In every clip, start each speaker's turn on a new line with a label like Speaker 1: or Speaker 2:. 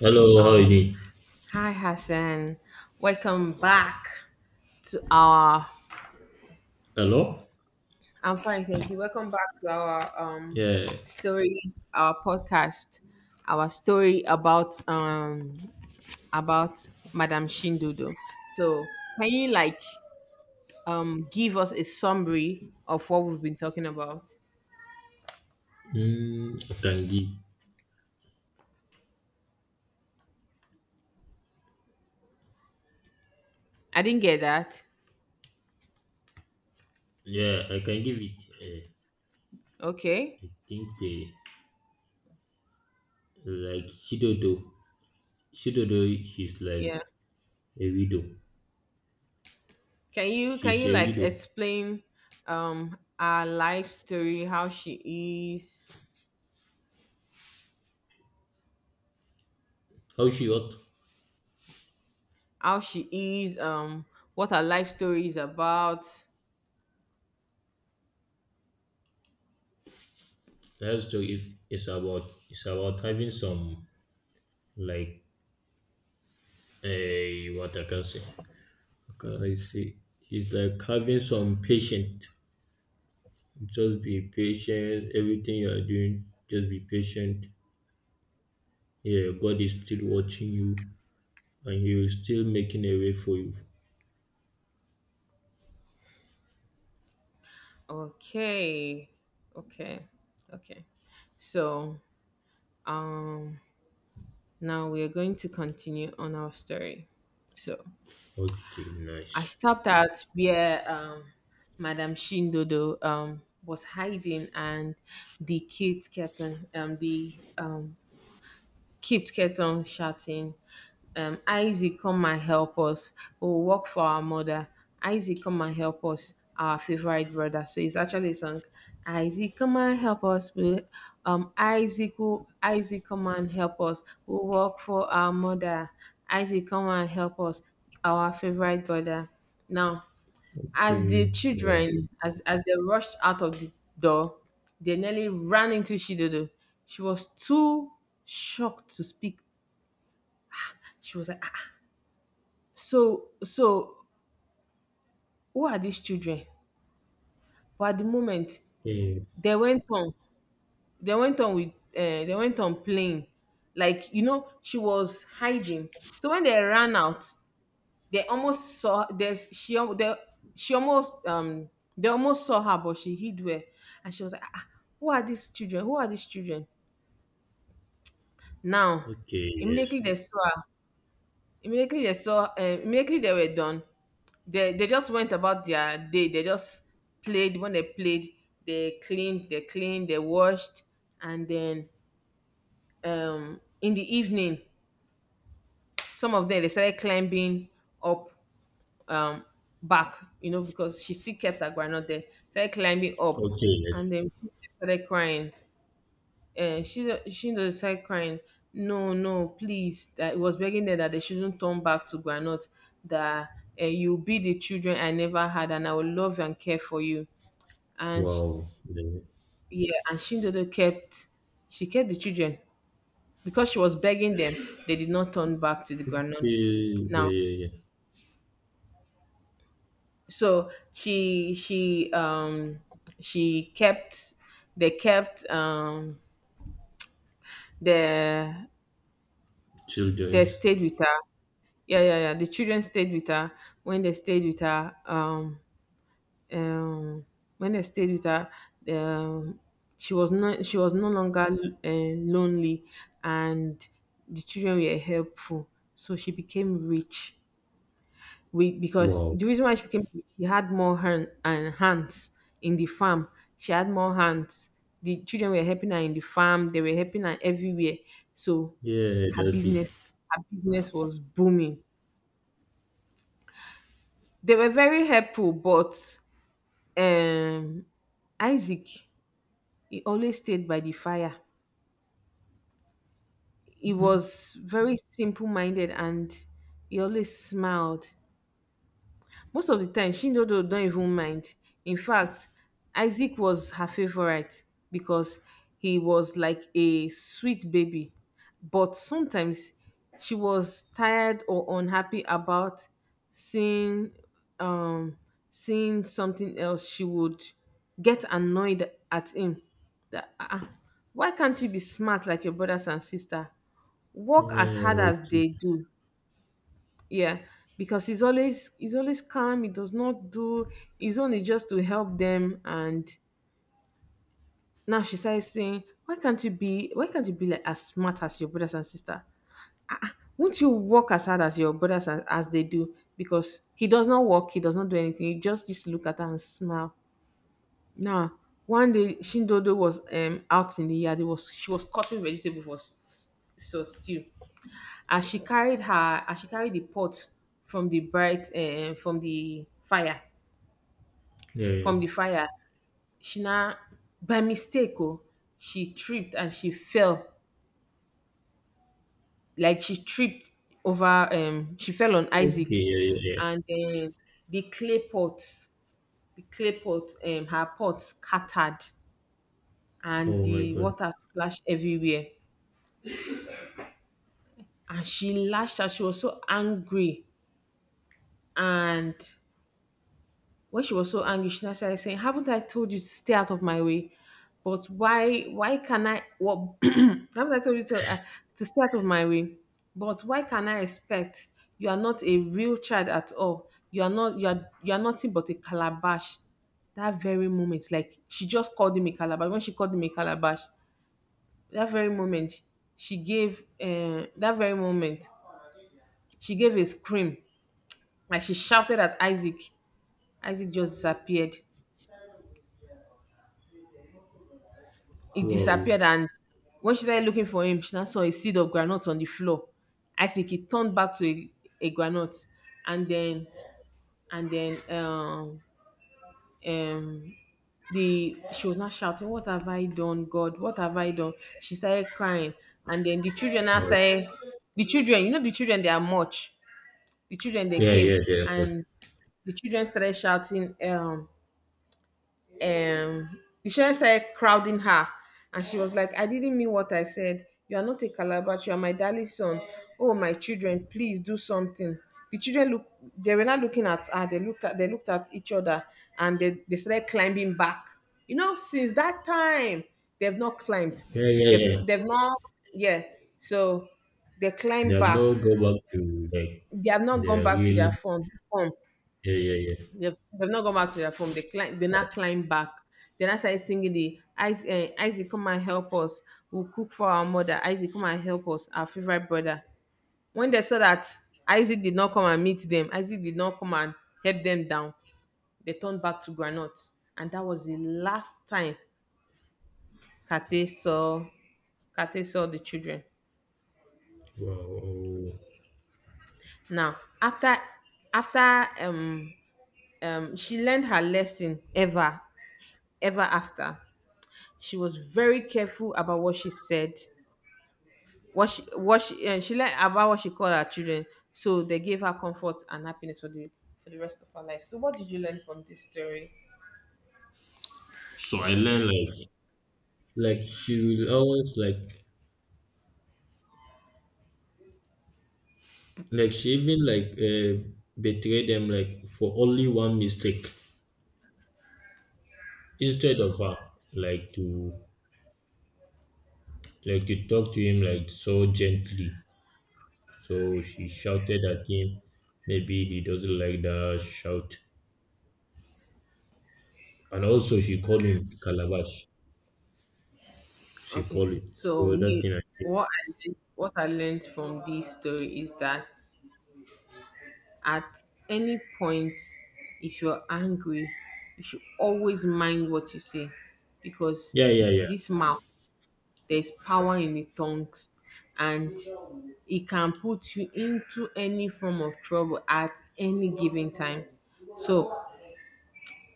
Speaker 1: Hello, how you
Speaker 2: Um,
Speaker 1: doing?
Speaker 2: Hi Hassan, welcome back to our.
Speaker 1: Hello?
Speaker 2: I'm fine, thank you. Welcome back to our
Speaker 1: Yeah.
Speaker 2: story, our podcast, our story about about Madame Shindudo. So, can you like give us a summary of what we've been talking about?
Speaker 1: I can give.
Speaker 2: I didn't get that.
Speaker 1: Yeah, I can give it.
Speaker 2: Okay,
Speaker 1: I think like Shidodo. Shidodo, she's
Speaker 2: yeah.
Speaker 1: like a widow.
Speaker 2: Can you can
Speaker 1: She's
Speaker 2: you
Speaker 1: a
Speaker 2: like
Speaker 1: widow.
Speaker 2: explain our life story, how she is?
Speaker 1: How she ought
Speaker 2: How she is, what her life story is about.
Speaker 1: her story if it's about having some like what I can say. Can I say? She's like having some patience. Just be patient. Everything you are doing, just be patient. Yeah, God is still watching you, and you're still making a way for you.
Speaker 2: Okay, okay, okay. So um, now we are going to continue on our story. So
Speaker 1: Okay,
Speaker 2: I
Speaker 1: nice.
Speaker 2: stopped at where Madame Shindodo was hiding, and the kids kept on the Kit kept on shouting, Isaac, come and help us. We'll work for our mother. Isaac, come and help us, our favorite brother. So it's actually a song. Isaac, come and help us. We, Isaac, will, Isaac, come and help us. We'll work for our mother. Isaac, come and help us, our favorite brother. Now, as the
Speaker 1: Okay.
Speaker 2: children, as they rushed out of the door, they nearly ran into Shidodo. She was too shocked to speak. She was like, ah, ah. So who are these children? But at the moment,
Speaker 1: Okay.
Speaker 2: they went on, they went on with, they went on playing. Like, you know, she was hiding. So when they ran out, they almost saw there's she al- they, she almost they almost saw her, but she hid well. And she was like, ah, ah, who are these children. Now
Speaker 1: Okay, yes.
Speaker 2: immediately they saw her, immediately they were done, they just went about their day. They just played. When they played, they cleaned, they washed, and then in the evening some of them they started climbing up, um back, you know, because she still kept her granite there. Started climbing up,
Speaker 1: Okay, yes.
Speaker 2: and then she started crying. And she just started crying. No, no, please. That it was begging there that they shouldn't turn back to granite. That you'll be the children I never had, and I will love and care for you. And sh
Speaker 1: Wow. Yeah.
Speaker 2: yeah, and Shindodo kept, she kept the children because she was begging them. They did not turn back to the
Speaker 1: Okay.
Speaker 2: granite.
Speaker 1: Yeah,
Speaker 2: Now
Speaker 1: yeah, yeah.
Speaker 2: so she kept, they kept um the they
Speaker 1: Children's.
Speaker 2: stayed with her, yeah, yeah, yeah. The children stayed with her. when they stayed with her um um when they stayed with her, um she was not, she was no longer lonely, and the children were helpful, so she became rich. We Because
Speaker 1: Wow.
Speaker 2: the reason why she became, she had more hand and hands in the farm. She had more hands. The children were helping her in the farm. They were helping her everywhere. So
Speaker 1: Yeah,
Speaker 2: her
Speaker 1: that's it.
Speaker 2: business, her business was booming. They were very helpful, but um, Isaac, he always stayed by the fire. He
Speaker 1: Hmm.
Speaker 2: was very simple minded, and he always smiled. Most of the time Chindodo don't even mind. In fact, Isaac was her favourite because he was like a sweet baby. But sometimes she was tired or unhappy about seeing um seeing something else, she would get annoyed at him. That ah, ah, why can't you be smart like your brothers and sister? Work as
Speaker 1: Yeah,
Speaker 2: hard as
Speaker 1: okay.
Speaker 2: they do. Yeah, because he's always calm, he does not do, his own is just to help them. And now she starts saying, why can't you be like as smart as your brothers and sister? Won't you work as hard as your brothers, as they do? Because he does not work, he does not do anything. He just used to look at her and smile. Now one day Shindodo was out in the yard. It was, she was cutting vegetable for so stew. As she carried her, as she carried the pot from the bright, from the fire,
Speaker 1: Yeah, yeah.
Speaker 2: from the fire. She na by mistake, oh, she tripped and she fell. Like she tripped over, she fell on
Speaker 1: Okay,
Speaker 2: Isaac,
Speaker 1: yeah, yeah, yeah.
Speaker 2: and then the clay pot, the clay pot, her pot scattered, and
Speaker 1: Oh my
Speaker 2: the
Speaker 1: God.
Speaker 2: water splashed everywhere. And she lashed out. She was so angry. And when she was so angry, she now started saying, "Haven't I told you to stay out of my way? But why? Why can I? What? haven't I told you to stay out of my way? But why can I expect? You are not a real child at all. You are not. You are. You are nothing but a calabash." That very moment, like she just called him a calabash. When she called him a calabash, that very moment, she gave. That very moment, she gave a scream. Like she shouted at Isaac. Isaac just disappeared. It
Speaker 1: Wow.
Speaker 2: disappeared, and when she started looking for him, she now saw a seed of groundnut on the floor. I think he turned back to a groundnut. And then and then um um the, she was not shouting, "What have I done, God? What have I done?" She started crying, and then the children now
Speaker 1: Alright.
Speaker 2: started. The children, you know, the children they are much. The children they
Speaker 1: Yeah,
Speaker 2: came,
Speaker 1: yeah, yeah. But
Speaker 2: and the children started shouting. The chef started crowding her, and she was like, I didn't mean what I said. You are not a calabash, you are my darling son. Oh, my children, please do something. The children look, they were not looking at her. They looked at, they looked at each other, and they started climbing back. You know, since that time they've not climbed.
Speaker 1: yeah, yeah, yeah.
Speaker 2: They've not, yeah. So they
Speaker 1: They
Speaker 2: climbed
Speaker 1: have
Speaker 2: back.
Speaker 1: not go back to like
Speaker 2: They have not gone
Speaker 1: the
Speaker 2: back to
Speaker 1: real.
Speaker 2: their phone Phone.
Speaker 1: Yeah, yeah, yeah.
Speaker 2: They've not gone back to their phone. They climb, they now climb back. They now started singing the Isaac, eh, Isaac, come and help us. We'll cook for our mother. Isaac, come and help us. Our favorite brother. When they saw that Isaac did not come and meet them, Isaac did not come and help them down, they turned back to Granot, and that was the last time Kate saw, Kate saw the children.
Speaker 1: Wow.
Speaker 2: Now, after after um she learned her lesson. Ever ever after, she was very careful about what she said, what she and she learned about what she called her children. So they gave her comfort and happiness for the, for the rest of her life. So what did you learn from this story?
Speaker 1: So I learned like she will always like she even like, betray them like for only one mistake instead of her, like to, like to talk to him like so gently, so she shouted at him. Maybe he doesn't like the shout, and also she called him calabash. She
Speaker 2: Okay.
Speaker 1: called it,
Speaker 2: So
Speaker 1: so that
Speaker 2: me,
Speaker 1: thing I think.
Speaker 2: what I learned from this story is that at any point, if you're angry, you should always mind what you say because
Speaker 1: Yeah, yeah, yeah.
Speaker 2: this mouth, there's power in the tongues, and it can put you into any form of trouble at any given time. So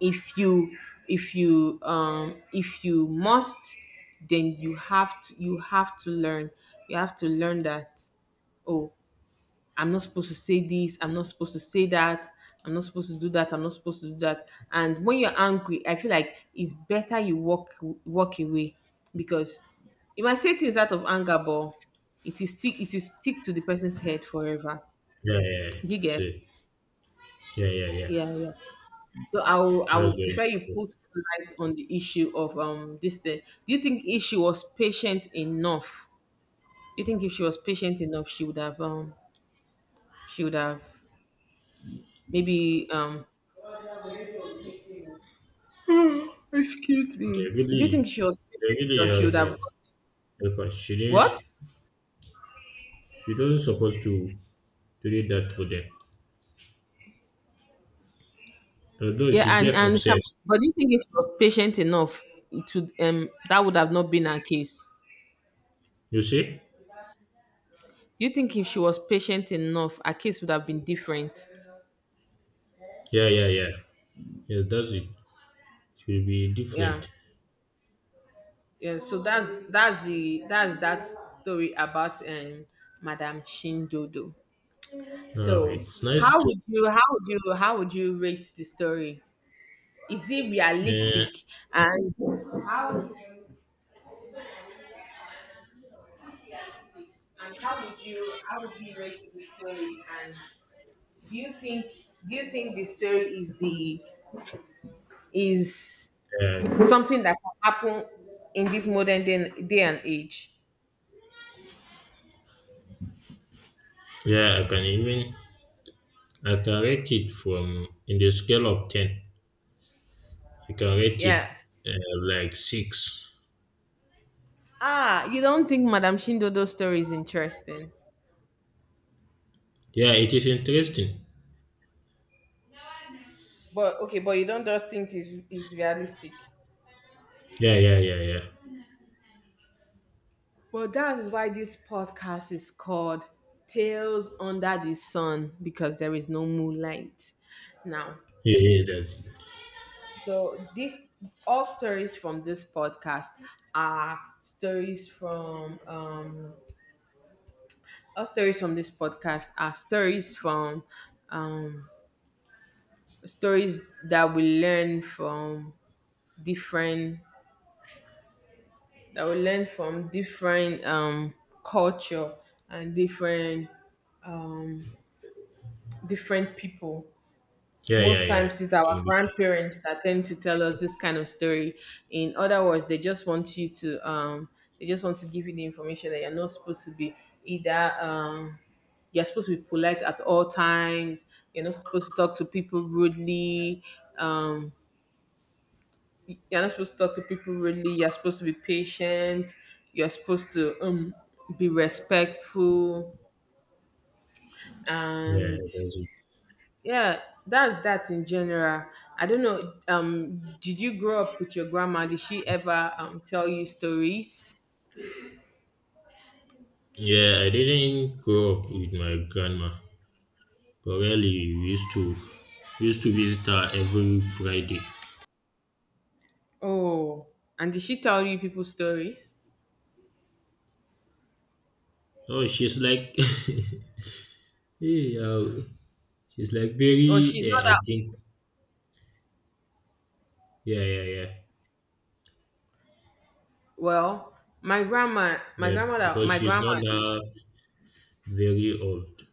Speaker 2: if you, if you if you must, then you have to, you have to learn, you have to learn that, oh, I'm not supposed to say this, I'm not supposed to say that, I'm not supposed to do that, I'm not supposed to do that. And when you're angry, I feel like it's better you walk, walk away because you might say things out of anger, but it is stick, it will stick to the person's head forever.
Speaker 1: Yeah, yeah, yeah.
Speaker 2: Do you
Speaker 1: So
Speaker 2: get?
Speaker 1: yeah, yeah, yeah.
Speaker 2: Yeah, yeah. So I will, I
Speaker 1: That's
Speaker 2: will
Speaker 1: very
Speaker 2: prefer you
Speaker 1: supposed.
Speaker 2: put light on the issue of this thing. Do you think if she was patient enough? Do you think if she was patient enough, she would have she would have, maybe excuse
Speaker 1: They
Speaker 2: me. Do you think
Speaker 1: really,
Speaker 2: she was
Speaker 1: they
Speaker 2: patient
Speaker 1: really
Speaker 2: enough? She
Speaker 1: help
Speaker 2: would have
Speaker 1: her.
Speaker 2: got
Speaker 1: Help, she didn't.
Speaker 2: what?
Speaker 1: She doesn't supposed to read that to them. Although
Speaker 2: Yeah,
Speaker 1: she get
Speaker 2: and Sam,
Speaker 1: obsessed.
Speaker 2: but do you think if she was patient enough, it would, that would have not been her case.
Speaker 1: You see?
Speaker 2: Do you think if she was patient enough, her case would have been different?
Speaker 1: Yeah, yeah, yeah. Yeah, that's it. It will be different.
Speaker 2: Yeah, yeah. So that's the, that's that story about Madame Shindodo.
Speaker 1: Oh,
Speaker 2: So
Speaker 1: it's nice
Speaker 2: how
Speaker 1: to.
Speaker 2: would you how would you how would you rate the story? Is it
Speaker 1: Uh,
Speaker 2: realistic? And realistic? And how would you rate the story? And do you think, do you think the story is the, is
Speaker 1: uh,
Speaker 2: something that can happen in this modern day, day and age?
Speaker 1: yeah, I can even, I can rate it from in the scale of 10. I can rate
Speaker 2: Yeah.
Speaker 1: it, like six.
Speaker 2: Ah, you don't think Madame Shindodo's story is interesting,
Speaker 1: Yeah, it is interesting.
Speaker 2: but okay, but you don't just think it's realistic.
Speaker 1: Yeah, yeah, yeah, yeah.
Speaker 2: Well, that is why this podcast is called Tales Under the Sun, because there is no moonlight. Now,
Speaker 1: Yeah, yeah, that's it.
Speaker 2: so this, all stories from this podcast are stories from, all stories from this podcast are stories from um stories that we learn from different, that we learn from different culture, and different um different people.
Speaker 1: Yeah, yeah,
Speaker 2: Most
Speaker 1: yeah.
Speaker 2: times it's our
Speaker 1: So
Speaker 2: grandparents that tend to tell us this kind of story. In other words, they just want you to, they just want to give you the information that you're not supposed to be, either you're supposed to be polite at all times, you're not supposed to talk to people rudely, um you're not supposed to talk to people rudely, you're supposed to be patient, you're supposed to be respectful,
Speaker 1: yeah,
Speaker 2: and
Speaker 1: that's it.
Speaker 2: yeah, that's that in general. I don't know. Did you grow up with your grandma? Did she ever tell you stories?
Speaker 1: Yeah, I didn't grow up with my grandma, but really we used to, we used to visit her every Friday.
Speaker 2: Oh, and did she tell you people stories?
Speaker 1: Oh, she's like, hey, she's like
Speaker 2: Oh,
Speaker 1: very.
Speaker 2: she's not
Speaker 1: Yeah, I
Speaker 2: that
Speaker 1: think. Yeah, yeah, yeah,
Speaker 2: well. My grandma, my
Speaker 1: yeah.
Speaker 2: grandmother,
Speaker 1: Because
Speaker 2: my
Speaker 1: she's not
Speaker 2: grandma is.
Speaker 1: very old.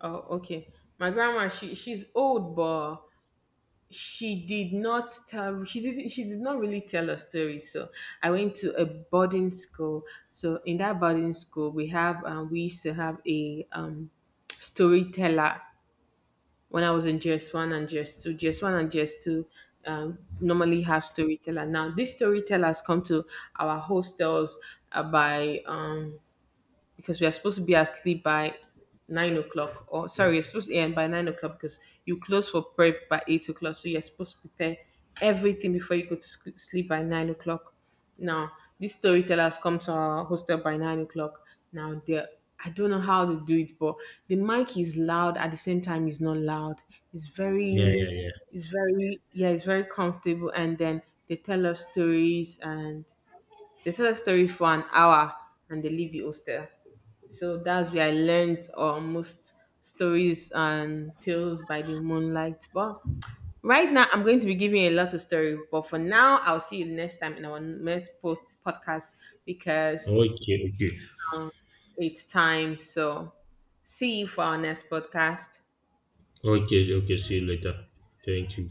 Speaker 2: Oh, okay. My grandma, she, she's old, but she did not tell, she did not really tell a story. So I went to a boarding school. So in that boarding school we have we used to have a storyteller when I was in GS 1 and GS 2, normally have storyteller. Now these storytellers come to our hostels by because we are supposed to be asleep by 9 o'clock. Or sorry, you're supposed to end by 9 o'clock because you close for prep by 8 o'clock. So you're supposed to prepare everything before you go to sleep by 9 o'clock. Now these storytellers come to our hostel by 9 o'clock. Now they're, I don't know how they do it, but the mic is loud at the same time it's not loud. It's
Speaker 1: Yeah, yeah,
Speaker 2: very
Speaker 1: yeah.
Speaker 2: it's very yeah, it's very comfortable, and then they tell us stories, and they tell a story for an hour, and they leave the hostel. So that's where I learned most stories and tales by the moonlight. But right now, I'm going to be giving a lot of story. But for now, I'll see you next time in our next podcast because,
Speaker 1: Okay, okay,
Speaker 2: um, it's time. So see you for our next podcast.
Speaker 1: okay, okay. See you later. Thank you.